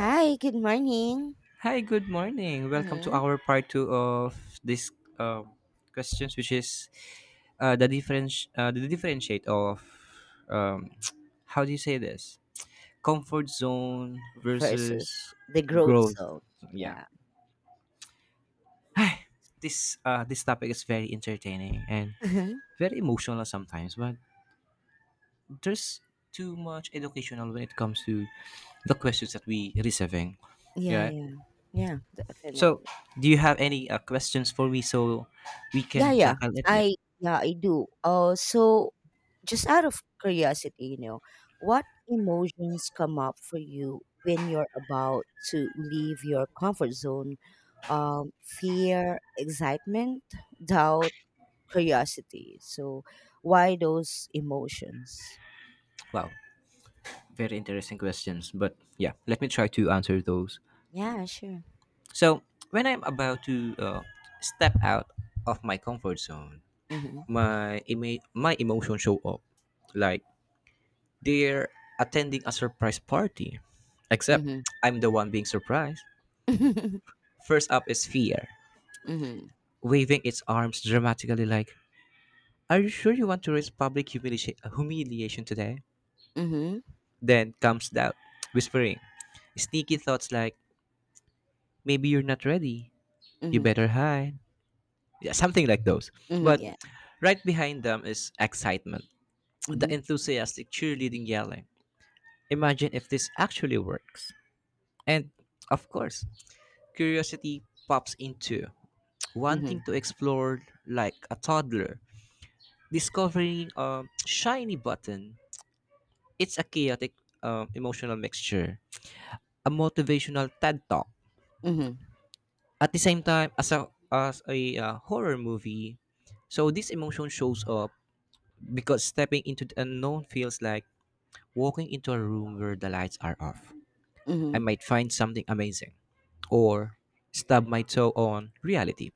Hi, good morning. Hi, good morning. Welcome to Mhm. our part two of this um, questions, which is the difference, the differentiate of um, how do you say this? Comfort zone versus Versus the growth growth. zone. So, yeah. Yeah. Hi. This this topic is very entertaining and Mhm. very emotional sometimes, but there's too much educational when it comes to the questions that we receiving. Yeah, Yeah. yeah. Yeah, So, definitely. do you have any questions for me so we Yeah, can yeah. tackle it? Yeah. I yeah, I do. So just out of curiosity, you know, what emotions come up for you when you're about to leave your comfort zone? Fear, excitement, doubt, curiosity. So why those emotions? Wow. Very interesting questions. But yeah, let me try to answer those. Yeah, sure. So, when I'm about to step out of my comfort zone, Mm-hmm. My emotions show up like they're attending a surprise party. Except I'm the one being surprised. Mhm. First up is fear, Mhm. waving its arms dramatically like, "Are you sure you want to risk public humiliation today?" Mhm. Then comes doubt, whispering, sneaky thoughts like, maybe you're not ready, you Mhm. better hide. Yeah, something like those. Mhm. But Yeah. right behind them is excitement, the Mhm. enthusiastic cheerleading yelling. Imagine if this actually works. And of course, curiosity pops into wanting to Mhm. explore like a toddler, discovering a shiny button. It's a chaotic emotional mixture, a motivational TED talk, Mhm. at the same time, as a horror movie, so this emotion shows up because stepping into the unknown feels like walking into a room where the lights are off. I Mhm. might find something amazing, or stub my toe on reality.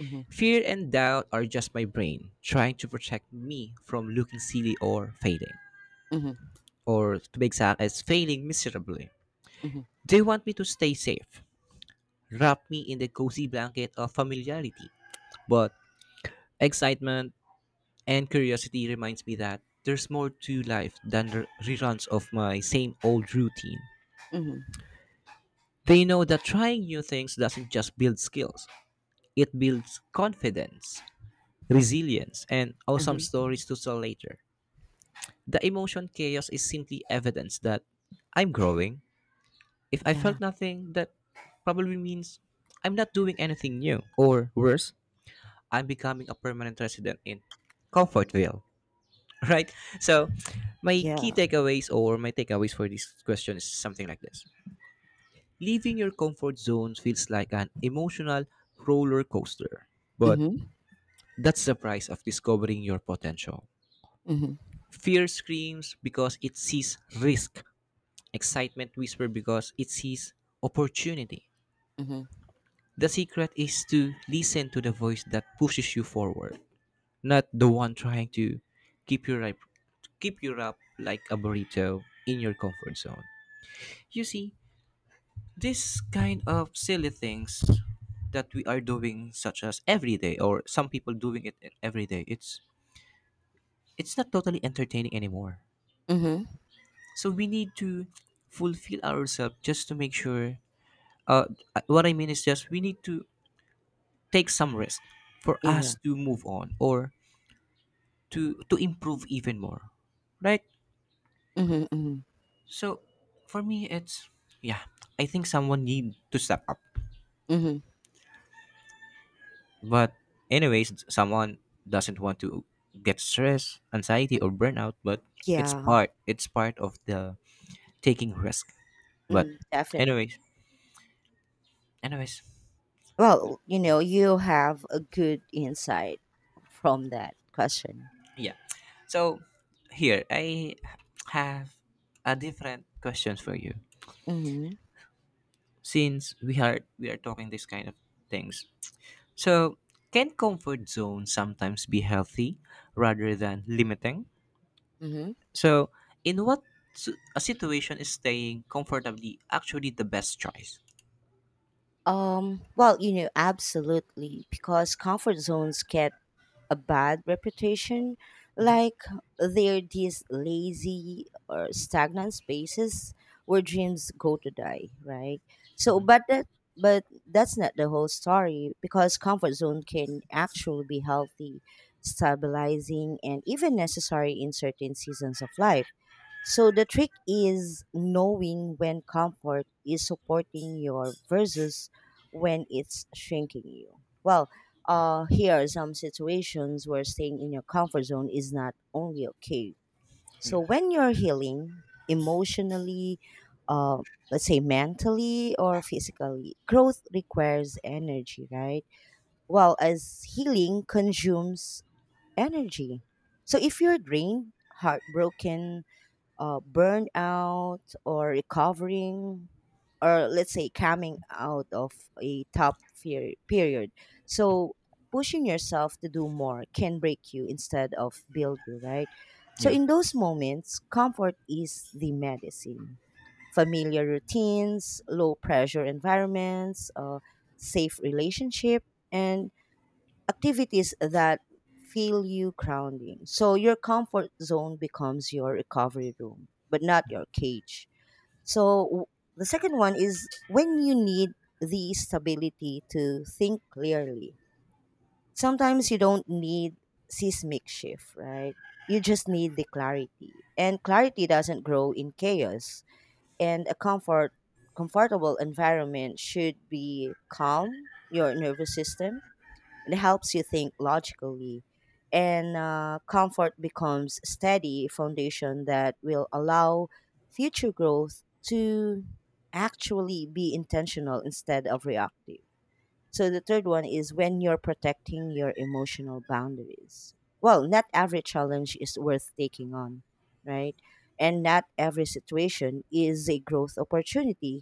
Mhm. Fear and doubt are just my brain trying to protect me from looking silly or failing, Mhm. or to be exact, as failing miserably. Mhm. They want me to stay safe, wrap me in the cozy blanket of familiarity, but excitement and curiosity reminds me that there's more to life than reruns of my same old routine. Mhm. They know that trying new things doesn't just build skills, it builds confidence, resilience, and awesome Uh-huh. stories to tell later. The emotion chaos is simply evidence that I'm growing. If I Yeah. felt nothing, that probably means I'm not doing anything new, or worse, I'm becoming a permanent resident in Comfortville. Right? So, my key Yeah. takeaways or my takeaways for this question is something like this. Leaving your comfort zone feels like an emotional roller coaster, but Mhm. that's the price of discovering your potential. Mhm. Fear screams because it sees risk, excitement whispers because it sees opportunity. Mhm. The secret is to listen to the voice that pushes you forward, not the one trying to keep your life keep you up like a burrito in your comfort zone. You see, this kind of silly things that we are doing such as every day or some people doing it every day, it's not totally entertaining anymore. Mhm. So we need to fulfill ourselves just to make sure uh what I mean is just we need to take some risk for us Yeah. to move on or to improve even more. Right? Mhm. Mhm. So for me it's yeah, I think someone need to step up. Mhm. But anyways, someone doesn't want to get stress, anxiety, Mm, or burnout, but yeah. It's part of the taking risk. But Mm, definitely. anyways, anyways, Well, you know, you have a good insight from that question. yeah. So here I have a different questions for you. Mhm. Since we are talking this kind of things. So can comfort zone sometimes be healthy rather than limiting? Mhm. So, in what a situation is staying comfortably actually the best choice? Well, you know, absolutely, because comfort zones can a bad reputation, Hmm. like they're these lazy or stagnant spaces where dreams go to die, right? So, Hmm. but that but that's not the whole story, because comfort zone can actually be healthy, stabilizing, and even necessary in certain seasons of life. So the trick is knowing when comfort is supporting you versus when it's shrinking you. Here are some situations where staying in your comfort zone is not only okay. Yeah, So when you're healing emotionally, uh, let's say mentally or physically, growth requires energy, right? Well, as healing consumes energy. So if you're drained, heartbroken, burnout, or recovering, or let's say coming out of a tough fear period, so pushing yourself to do more can break you instead of build you, right? So yeah, in those moments, comfort is the medicine. Familiar routines, low pressure environments, safe relationship, and activities that feel you grounding. So your comfort zone becomes your recovery room, but not your cage. So w- the second one is when you need the stability to think clearly. Sometimes you don't need seismic shift, right? You just need the clarity. And clarity doesn't grow in chaos. And a comfortable environment should be calm your nervous system, it helps you think logically, and comfort becomes steady foundation that will allow future growth to actually be intentional instead of reactive. So the third one is when you're protecting your emotional boundaries. Well, not every challenge is worth taking on, right? And not every situation is a growth opportunity,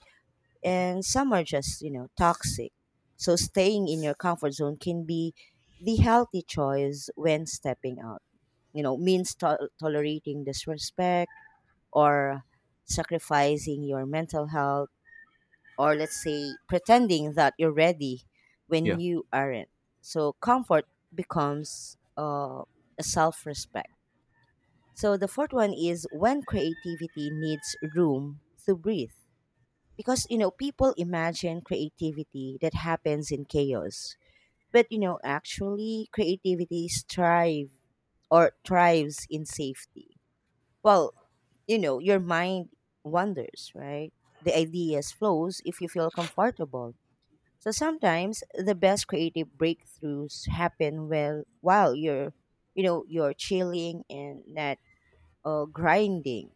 and some are just, you know, toxic. So staying in your comfort zone can be the healthy choice when stepping out. You know, means tolerating disrespect, or sacrificing your mental health, or let's say pretending that you're ready when yeah, you aren't. So comfort becomes a self-respect. So the fourth one is when creativity needs room to breathe, because you know people imagine creativity that happens in chaos, but you know actually creativity strive or thrives in safety. Well, you know, your mind wanders, right? The ideas flows if you feel comfortable. So sometimes the best creative breakthroughs happen well while you're, you know, you're chilling and not grinding.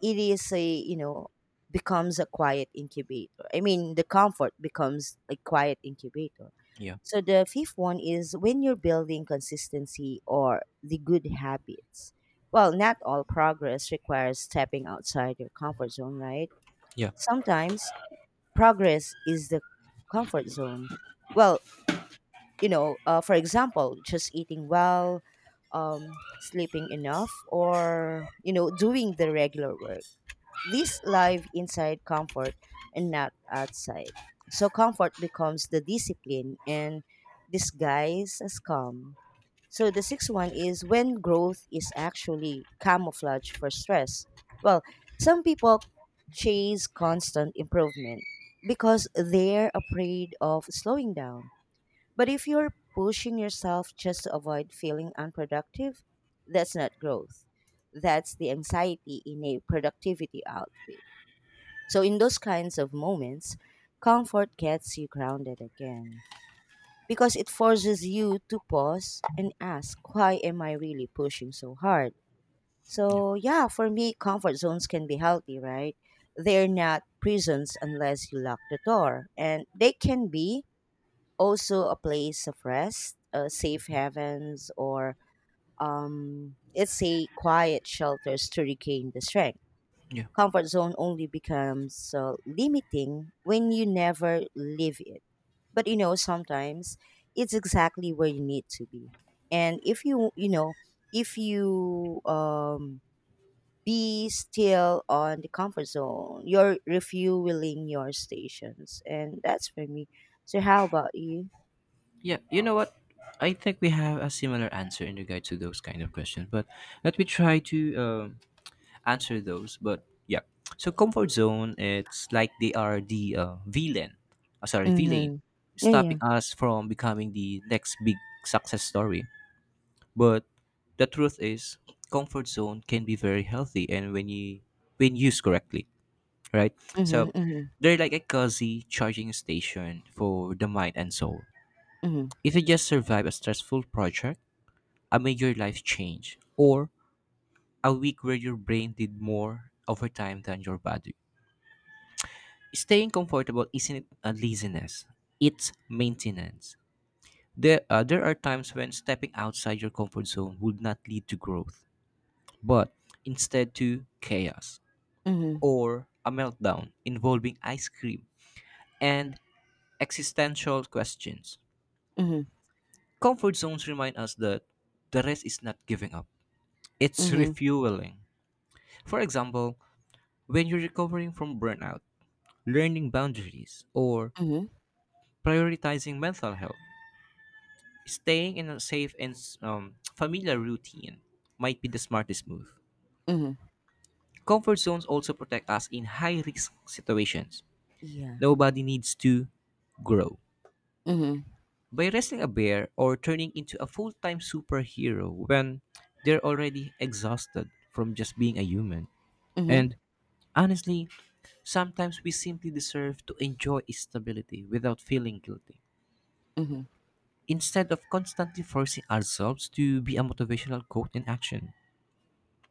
It is a you know becomes a quiet incubator I mean the comfort becomes a quiet incubator. yeah, So the fifth one is when you're building consistency or the good habits. Well, not all progress requires stepping outside your comfort zone, right? yeah, Sometimes progress is the comfort zone. well for example, just eating well, sleeping enough, or you know doing the regular work, these live inside comfort, and not outside. So comfort becomes the discipline and disguise as calm. So the sixth one is when growth is actually camouflage for stress. Well, some people chase constant improvement because they're afraid of slowing down. But if you're pushing yourself just to avoid feeling unproductive, that's not growth. That's the anxiety in a productivity outfit. So in those kinds of moments, comfort gets you grounded again, because it forces you to pause and ask, why am I really pushing so hard? yeah, So yeah, for me, comfort zones can be healthy, right? They're not prisons unless you lock the door, and they can be also a place of rest, safe havens, or let's say quiet shelters to regain the strength. yeah. Comfort zone only becomes limiting when you never leave it. But you know, sometimes it's exactly where you need to be. And if you, you know, if you be still on the comfort zone, you're refueling your stations. And that's for me. So, how about you? Yeah, you know what? I think we have a similar answer in regard to those kind of questions, but let me try to answer those. But yeah, so comfort zone, it's like they are the villain, sorry, villain, Mm-hmm. Yeah, stopping yeah. us from becoming the next big success story. But the truth is, comfort zone can be very healthy and when used correctly, right? Mm-hmm. So Mm-hmm. they're like a cozy charging station for the mind and soul. Mm-hmm. If you just survive a stressful project, a major life change, or a week where your brain did more over time than your body. Staying comfortable isn't a laziness, it's maintenance. There are times when stepping outside your comfort zone would not lead to growth but instead to chaos Mm-hmm. or a meltdown involving ice cream and existential questions. Mm-hmm. Comfort zones remind us that the rest is not giving up, it's Mm-hmm. refueling. For example, when you're recovering from burnout, learning boundaries, or Mm-hmm. prioritizing mental health, staying in a safe and familiar routine might be the smartest move. Mm-hmm. Comfort zones also protect us in high risk situations. Yeah. Nobody needs to grow Mm-hmm. by wrestling a bear or turning into a full time superhero when they're already exhausted from just being a human. And Mm-hmm. honestly, sometimes we simply deserve to enjoy stability without feeling guilty Mm-hmm. instead of constantly forcing ourselves to be a motivational quote in action.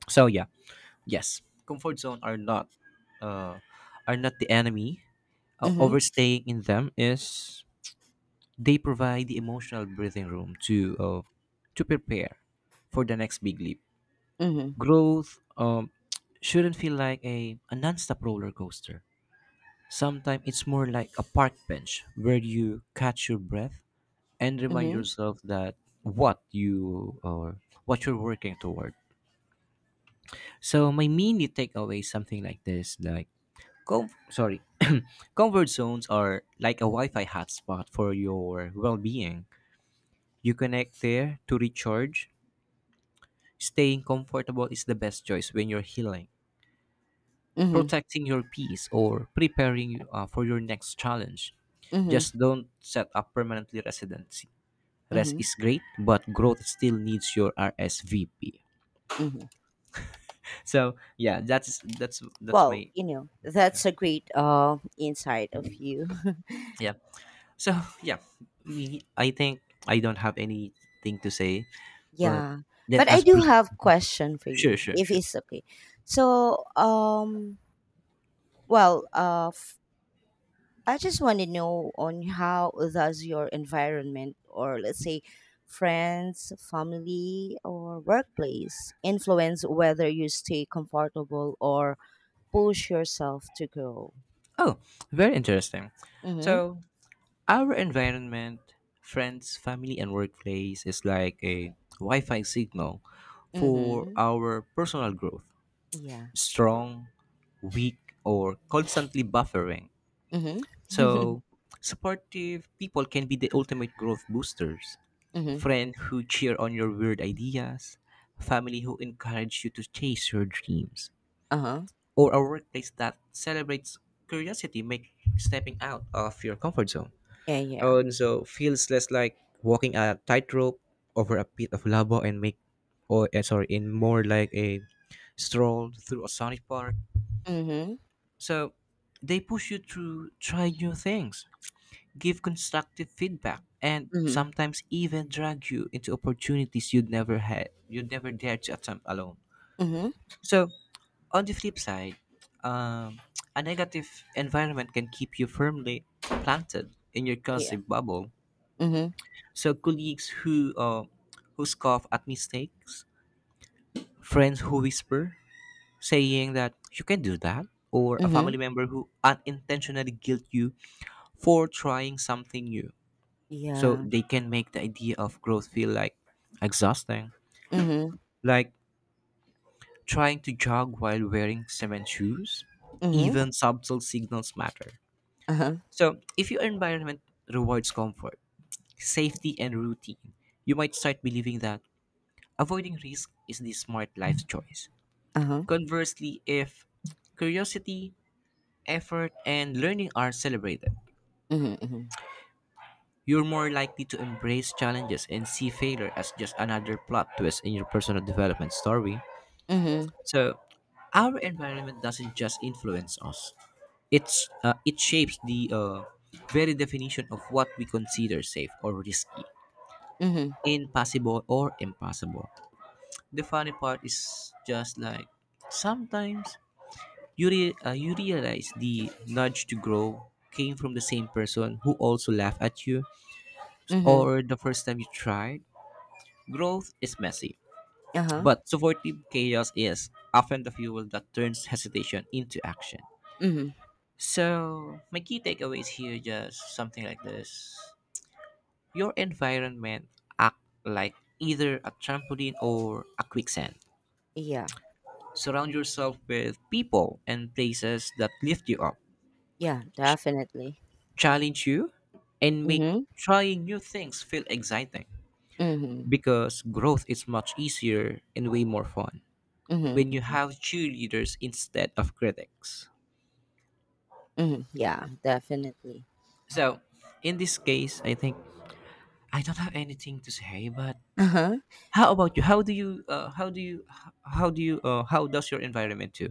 So yeah, yes, comfort zone uh, are not the enemy. Mm-hmm. Overstaying in them is. They provide the emotional breathing room to prepare for the next big leap. Mm-hmm. Growth shouldn't feel like a non-stop roller coaster. Sometimes it's more like a park bench where you catch your breath and remind Mhm. yourself that what you or what you're working toward. So my mini takeaway is something like this: like, com- sorry, comfort zones are like a Wi-Fi hotspot for your well-being. You connect there to recharge. Staying comfortable is the best choice when you're healing, Mhm. protecting your peace, or preparing for your next challenge. Mhm. Just don't set up permanently residency. Rest Mhm. is great, but growth still needs your RSVP. Mhm. So yeah, that's Well, my you know, that's a great insight of you. yeah. So yeah, we, I think I don't have anything to say, but Yeah. let But I us do have question for sure, you, sure, if sure. it's okay. So, well, I just want to know on how does your environment, or let's say friends, family, or workplace, influence whether you stay comfortable or push yourself to grow? Oh, very interesting. Mhm. So our environment, friends, family, and workplace is like a Wi Fi signal for Mhm. our personal growth, Yeah. strong, weak, or constantly buffering. Mhm. Mhm. So, supportive people can be the ultimate growth boosters. Friend who cheer on your weird ideas, family who encourage you to chase your dreams, Uh-huh. or a workplace that celebrates curiosity, make stepping out of your comfort zone. Yeah, yeah. And so feels less like walking a tightrope over a pit of lava and make and more like a stroll through a sonic park. Mhm. So they push you to try new things, give constructive feedback, and Mhm. sometimes even drag you into opportunities you'd never dare to attempt alone. Mhm. So on the flip side, um, a negative environment can keep you firmly planted in your Yeah. cursive bubble. Mhm. So colleagues who scoff at mistakes, friends who whisper, saying that you can do that, or a Mhm. family member who unintentionally guilt you for trying something new. So Yeah. they can make the idea of growth feel like exhausting, Mhm. like trying to jog while wearing cement shoes. Mhm. Even subtle signals matter. Uh-huh. So if your environment rewards comfort, safety, and routine, you might start believing that avoiding risk is the smart life choice. Uh-huh. Conversely, if curiosity, effort, and learning are celebrated, Mhm. Mhm. you're more likely to embrace challenges and see failure as just another plot twist in your personal development story. Mhm. So, our environment doesn't just influence us; it shapes the very definition of what we consider safe or risky, Mhm. impossible or impossible. The funny part is just like sometimes you realize the nudge to grow came from the same person who also laughed at you Mhm. or the first time you tried. Growth is messy, Uh-huh. but supportive chaos is often the fuel that turns hesitation into action. Mhm. So, my key takeaways here just something like this. Your environment act like either a trampoline or a quicksand. Yeah. Surround yourself with people and places that lift you up, Yeah, definitely. challenge you, and make Mhm. trying new things feel exciting Mhm. because growth is much easier and way more fun Mhm. when you Mhm. have cheerleaders instead of critics. Mhm. Yeah, definitely. So, in this case, I think I don't have anything to say, but Uh-huh. how about you? How do you how do you h- how do you how does your environment do?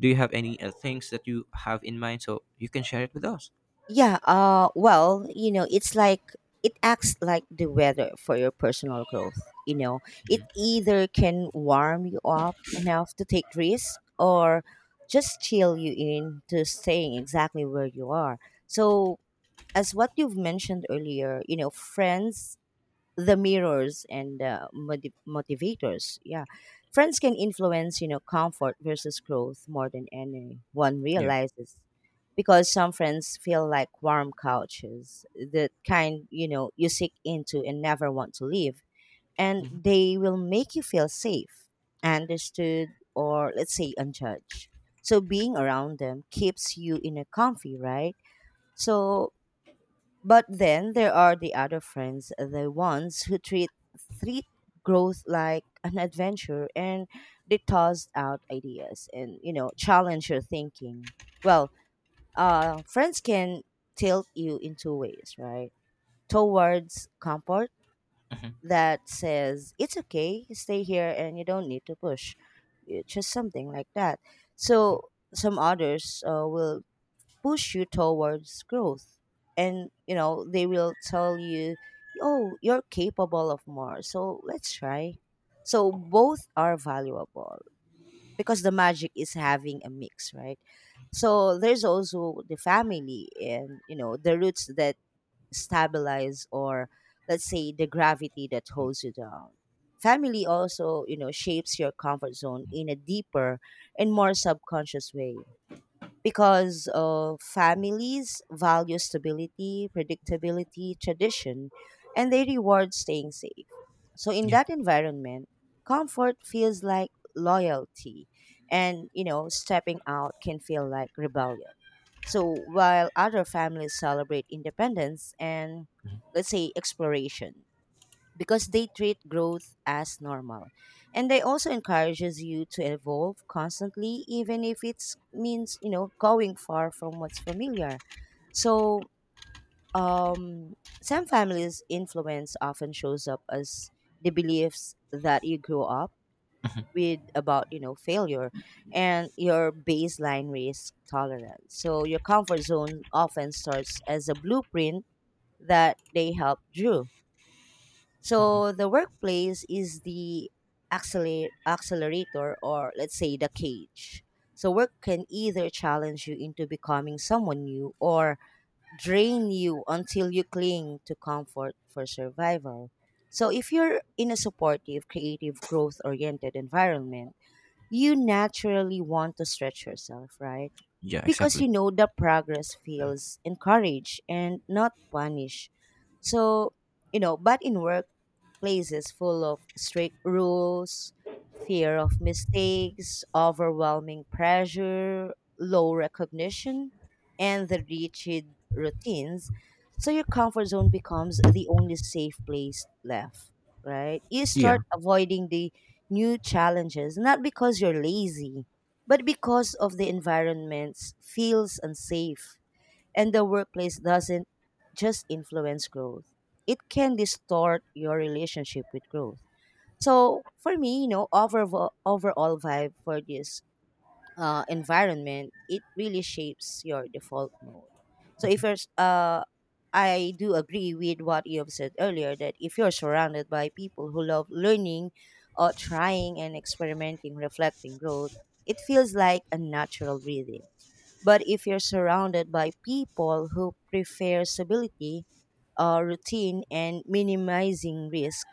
Do you have any things that you have in mind so you can share it with us? Yeah, well, you know, it's like it acts like the weather for your personal growth, you know. It either can warm you up enough to take risk, or just chill you in to staying exactly where you are. So, as what you've mentioned earlier, you know, friends the mirrors and motivators, yeah, friends can influence you know comfort versus growth more than anyone Yeah. realizes, because some friends feel like warm couches, the kind you know you seek into and never want to leave, and Hmm. they will make you feel safe, understood, or let's say unjudged. So being around them keeps you in a comfy, right? So but then there are the other friends, the ones who treat growth like an adventure, and they toss out ideas and you know challenge your thinking. Well, friends can tilt you in two ways, right? Towards comfort Hmm. that says it's okay, stay here and you don't need to push. It's just something like that. So some others will push you towards growth, and you know they will tell you, oh, you're capable of more, so let's try. So both are valuable, because the magic is having a mix, right? So there's also the family, and you know the roots that stabilize, or let's say the gravity that holds you down. Family also you know shapes your comfort zone in a deeper and more subconscious way, because families value stability, predictability, tradition, and they reward staying safe. So in Yeah. that environment, comfort feels like loyalty, and you know, stepping out can feel like rebellion. So while other families celebrate independence and let's say exploration, because they treat growth as normal. And they also encourages you to evolve constantly, even if it's means, you know, going far from what's familiar. So um, some families' influence often shows up as the beliefs that you grew up Hmm. with about you know failure and your baseline risk tolerance. So your comfort zone often starts as a blueprint that they help drew. Hmm. So the workplace is the accelerator, or let's say the cage. So work can either challenge you into becoming someone new, or drain you until you cling to comfort for survival. So if you're in a supportive, creative, growth-oriented environment, you naturally want to stretch yourself, right? Yeah, Because exactly. you know the progress feels encouraged and not punished. So, you know, but in workplaces full of strict rules, fear of mistakes, overwhelming pressure, low recognition, and the rigid routines, so your comfort zone becomes the only safe place left, right? You Yeah. start avoiding the new challenges, not because you're lazy, but because of the environment feels unsafe, and the workplace doesn't just influence growth, it can distort your relationship with growth. So for me, you know, overall vibe for this environment, it really shapes your default mode. So if you're s- I do agree with what you have said earlier, that if you're surrounded by people who love learning, or trying and experimenting reflecting growth, it feels like a natural rhythm. But if you're surrounded by people who prefer stability, routine, and minimizing risk,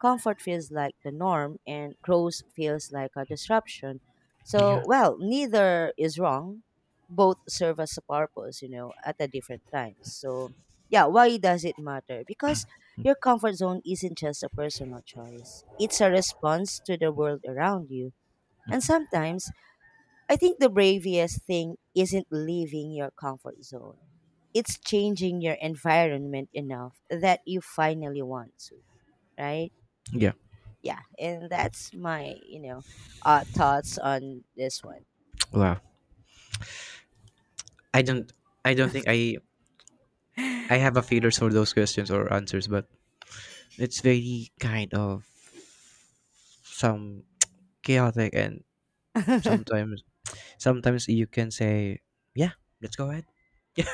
comfort feels like the norm and growth feels like a disruption. So, Yeah. well, neither is wrong. Both serve as a purpose, you know, at a different time. So, yeah, why does it matter? Because your comfort zone isn't just a personal choice, it's a response to the world around you. And sometimes I think the bravest thing isn't leaving your comfort zone. It's changing your environment enough that you finally want to, right? Yeah. Yeah, and that's my, you know, thoughts on this one. Wow. I don't I don't think I have a feelers for those questions or answers, but it's very kind of some chaotic and sometimes sometimes you can say, yeah, let's go ahead. Yeah.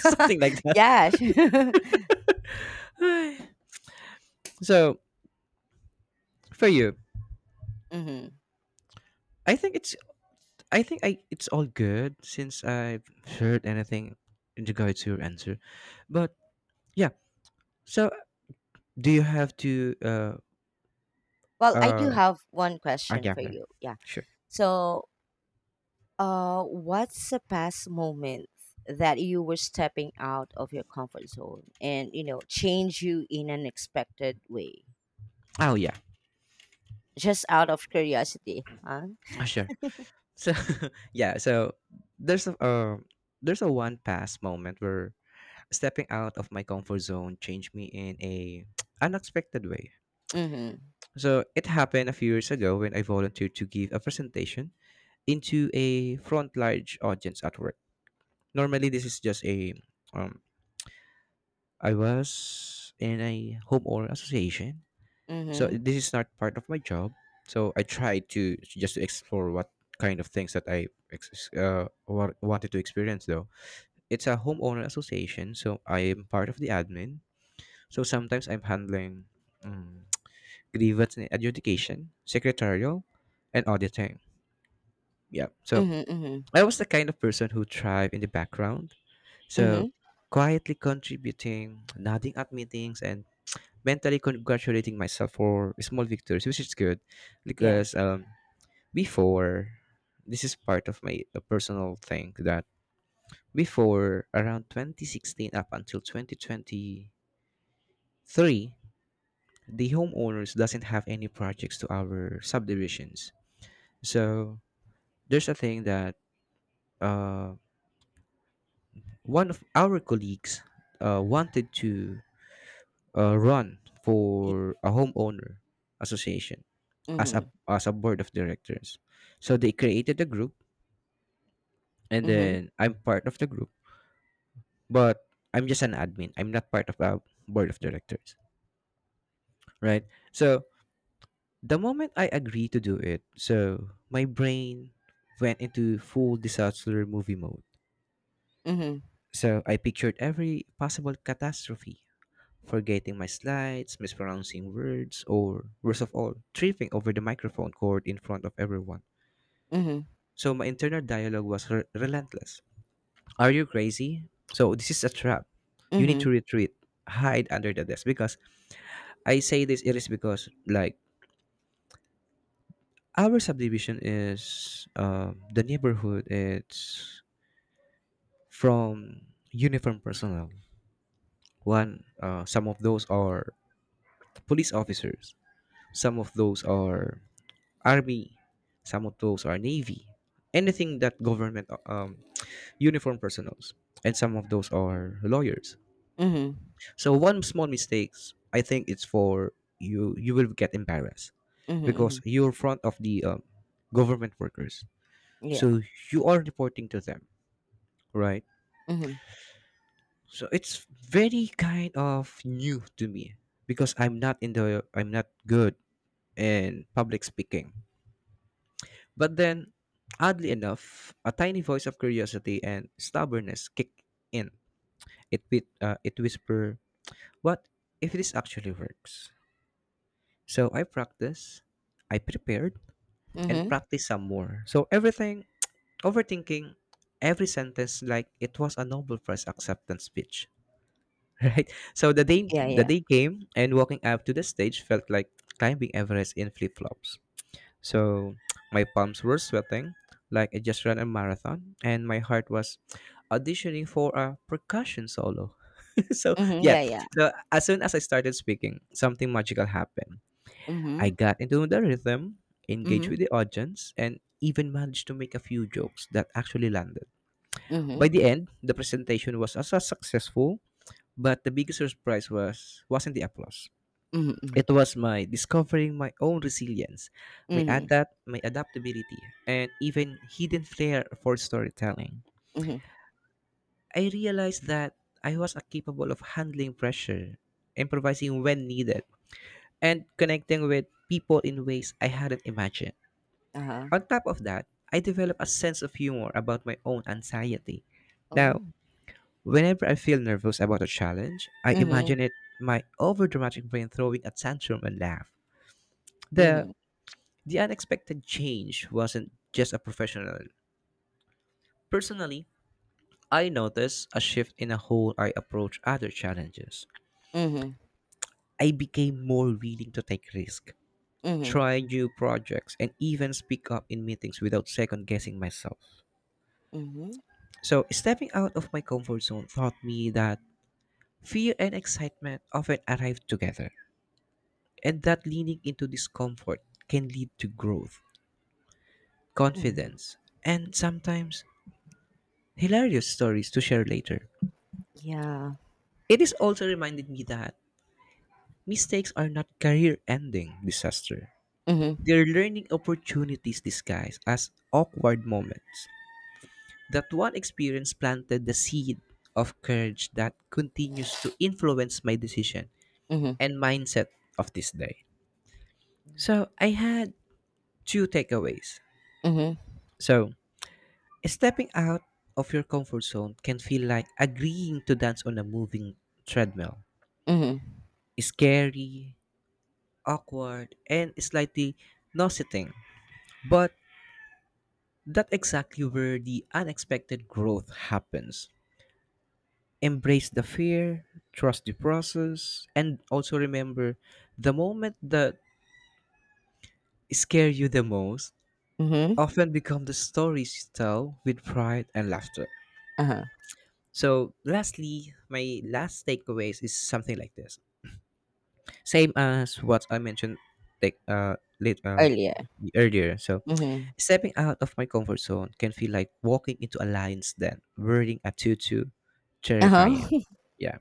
Something like that. Yeah. So for you, Hmm. I think it's I think I it's all good since I've heard anything in regard to your answer. But yeah. So do you have to Well, I uh do have one question yeah, for yeah. you. Yeah. Sure. So, what's the past moment that you were stepping out of your comfort zone and you know change you in an expected way? Oh yeah. Just out of curiosity, huh? Sure. So yeah, so there's a um there's a one pass moment where stepping out of my comfort zone changed me in a unexpected way. Mm-hmm. So it happened a few years ago when I volunteered to give a presentation into a front large audience at work. Normally this is just a um I was in a homeowner association. So Mm-hmm. this is not part of my job. So I tried to just to explore what kind of things that I wanted to experience though it's a homeowner association, so I am part of the admin. So sometimes I'm handling um, grievance and adjudication, secretarial, and auditing. Yeah. So Mm-hmm. Mm-hmm. I was the kind of person who thrived in the background. Mm-hmm. So quietly contributing, nodding at meetings, and mentally congratulating myself for small victories, which is good Yeah. because before, this is part of my personal thing that before around 2016 up until 2020 Three, the homeowners doesn't have any projects to our subdivisions. So there's a thing that uh, one of our colleagues wanted to run y- for a homeowner association as a Mhm. as a board of directors. So they created a group, and Mhm. then I'm part of the group, but I'm just an admin. I'm not part of a board of directors, right? So the moment I agreed to do it, so my brain went into full disaster movie mode. Mhm. So I pictured every possible catastrophe, forgetting my slides, mispronouncing words, or worst of all, tripping over the microphone cord in front of everyone. Mhm. So my internal dialogue was relentless. Are you crazy? So this is a trap. You need to Mhm. retreat, hide under the desk. Because I say this, it is because like our subdivision is the neighborhood. It's from uniform personnel. One, some of those are police officers, some of those are army, some of those are navy, anything that government uniform personnels, and some of those are lawyers. Mhm. So one small mistakes, I think it's for you. You will get embarrassed Mhm. because Mhm. you're front of the government workers, Yeah. so you are reporting to them, right? Mhm. So it's very kind of new to me because I'm not good in public speaking. But then oddly enough, a tiny voice of curiosity and stubbornness kicked in. It whispered, "What if this actually works?" So I practiced, I prepared and Mhm. practiced some more. So everything overthinking every sentence like it was a Nobel Prize acceptance speech. Right. So Yeah. the Yeah. day came, and walking up to the stage felt like climbing Everest in flip flops. So my palms were sweating, like I just ran a marathon, and my heart was auditioning for a percussion solo. So Mhm. yeah. Yeah. Yeah. So as soon as I started speaking, something magical happened. Mhm. I got into the rhythm, engaged Mhm. with the audience, and even managed to make a few jokes that actually landed. By Mhm. the end, the presentation was as successful but the biggest surprise was wasn't the applause. Mhm. It Mhm. was my discovering my own resilience, Mhm. My adaptability, and even hidden flair for storytelling. Mhm. I realized that I was capable of handling pressure, improvising when needed, and connecting with people in ways I hadn't imagined. Uh huh. On top of that, I developed a sense of humor about my own anxiety. Now, Oh. whenever I feel nervous about a challenge, I Mhm. imagine it my overdramatic brain throwing a tantrum and laugh. The Mhm. the unexpected change wasn't just a professional. Personally, I noticed a shift in how I approach other challenges. Mhm. I became more willing to take risks, Mhm. try new projects, and even speak up in meetings without second guessing myself. Mhm, So, stepping out of my comfort zone taught me that fear and excitement often arrive together, and that leaning into discomfort can lead to growth, mhm. confidence, and sometimes hilarious stories to share later. Yeah. It has also reminded me that mistakes are not career ending disaster. Mhm, They're learning opportunities disguised as awkward moments. That one experience planted the seed of courage that continues to influence my decision mhm. and mindset of this day. So I had two takeaways. Mhm, So stepping out of your comfort zone can feel like agreeing to dance on a moving treadmill. mhm, Scary, awkward, and slightly nauseating. But that's exactly where the unexpected growth happens. Embrace the fear, trust the process, and also remember the moment that scare you the most mhm. often become the stories you tell with pride and laughter. Uh-huh. So lastly, my last takeaways is something like this. Same as what I mentioned like uh, late, uh, Earlier. earlier. So, Mhm. stepping out of my comfort zone can feel like walking into a lion's den, wearing a tutu, terrifying. Uh-huh. Yeah,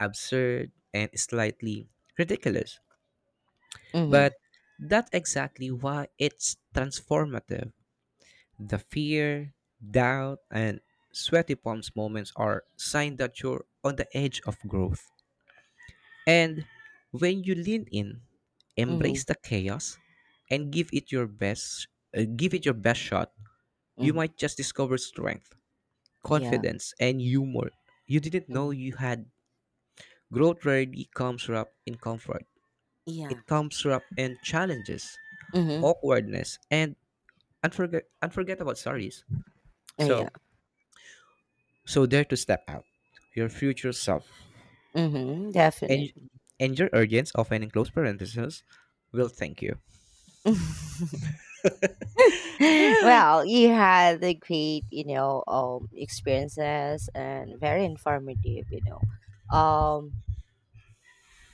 absurd and slightly ridiculous. But Mhm, that's exactly why it's transformative. The fear, doubt, and sweaty palms moments are sign that you're on the edge of growth. And when you lean in, embrace mhm, the chaos and give it your best, give it your best shot, you mhm. might just discover strength, Yeah. confidence and humor. You didn't know Mhm. you had. Growth rarely comes wrapped in comfort. Yeah. It comes wrapped in challenges, Mhm. awkwardness and unforgettable stories. Yeah. So, so dare to step out your future self. Mhm, And definitely. and your audience, often in close parentheses, will thank you. Well, you had a great, you know, experiences and very informative, you know. Um,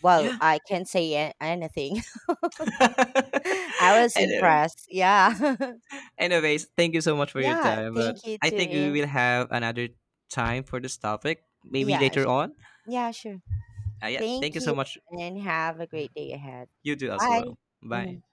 well, Yeah. I can't say anything. I was anyway, impressed. Yeah. Anyways, thank you so much for your Yeah. time. But Thank you I to think we in. will have another time for this topic, maybe Yeah. later on. Yeah, sure. Yeah, thank Thank you so you much. and have a great day ahead. You do as Bye. well. Bye. Mhm.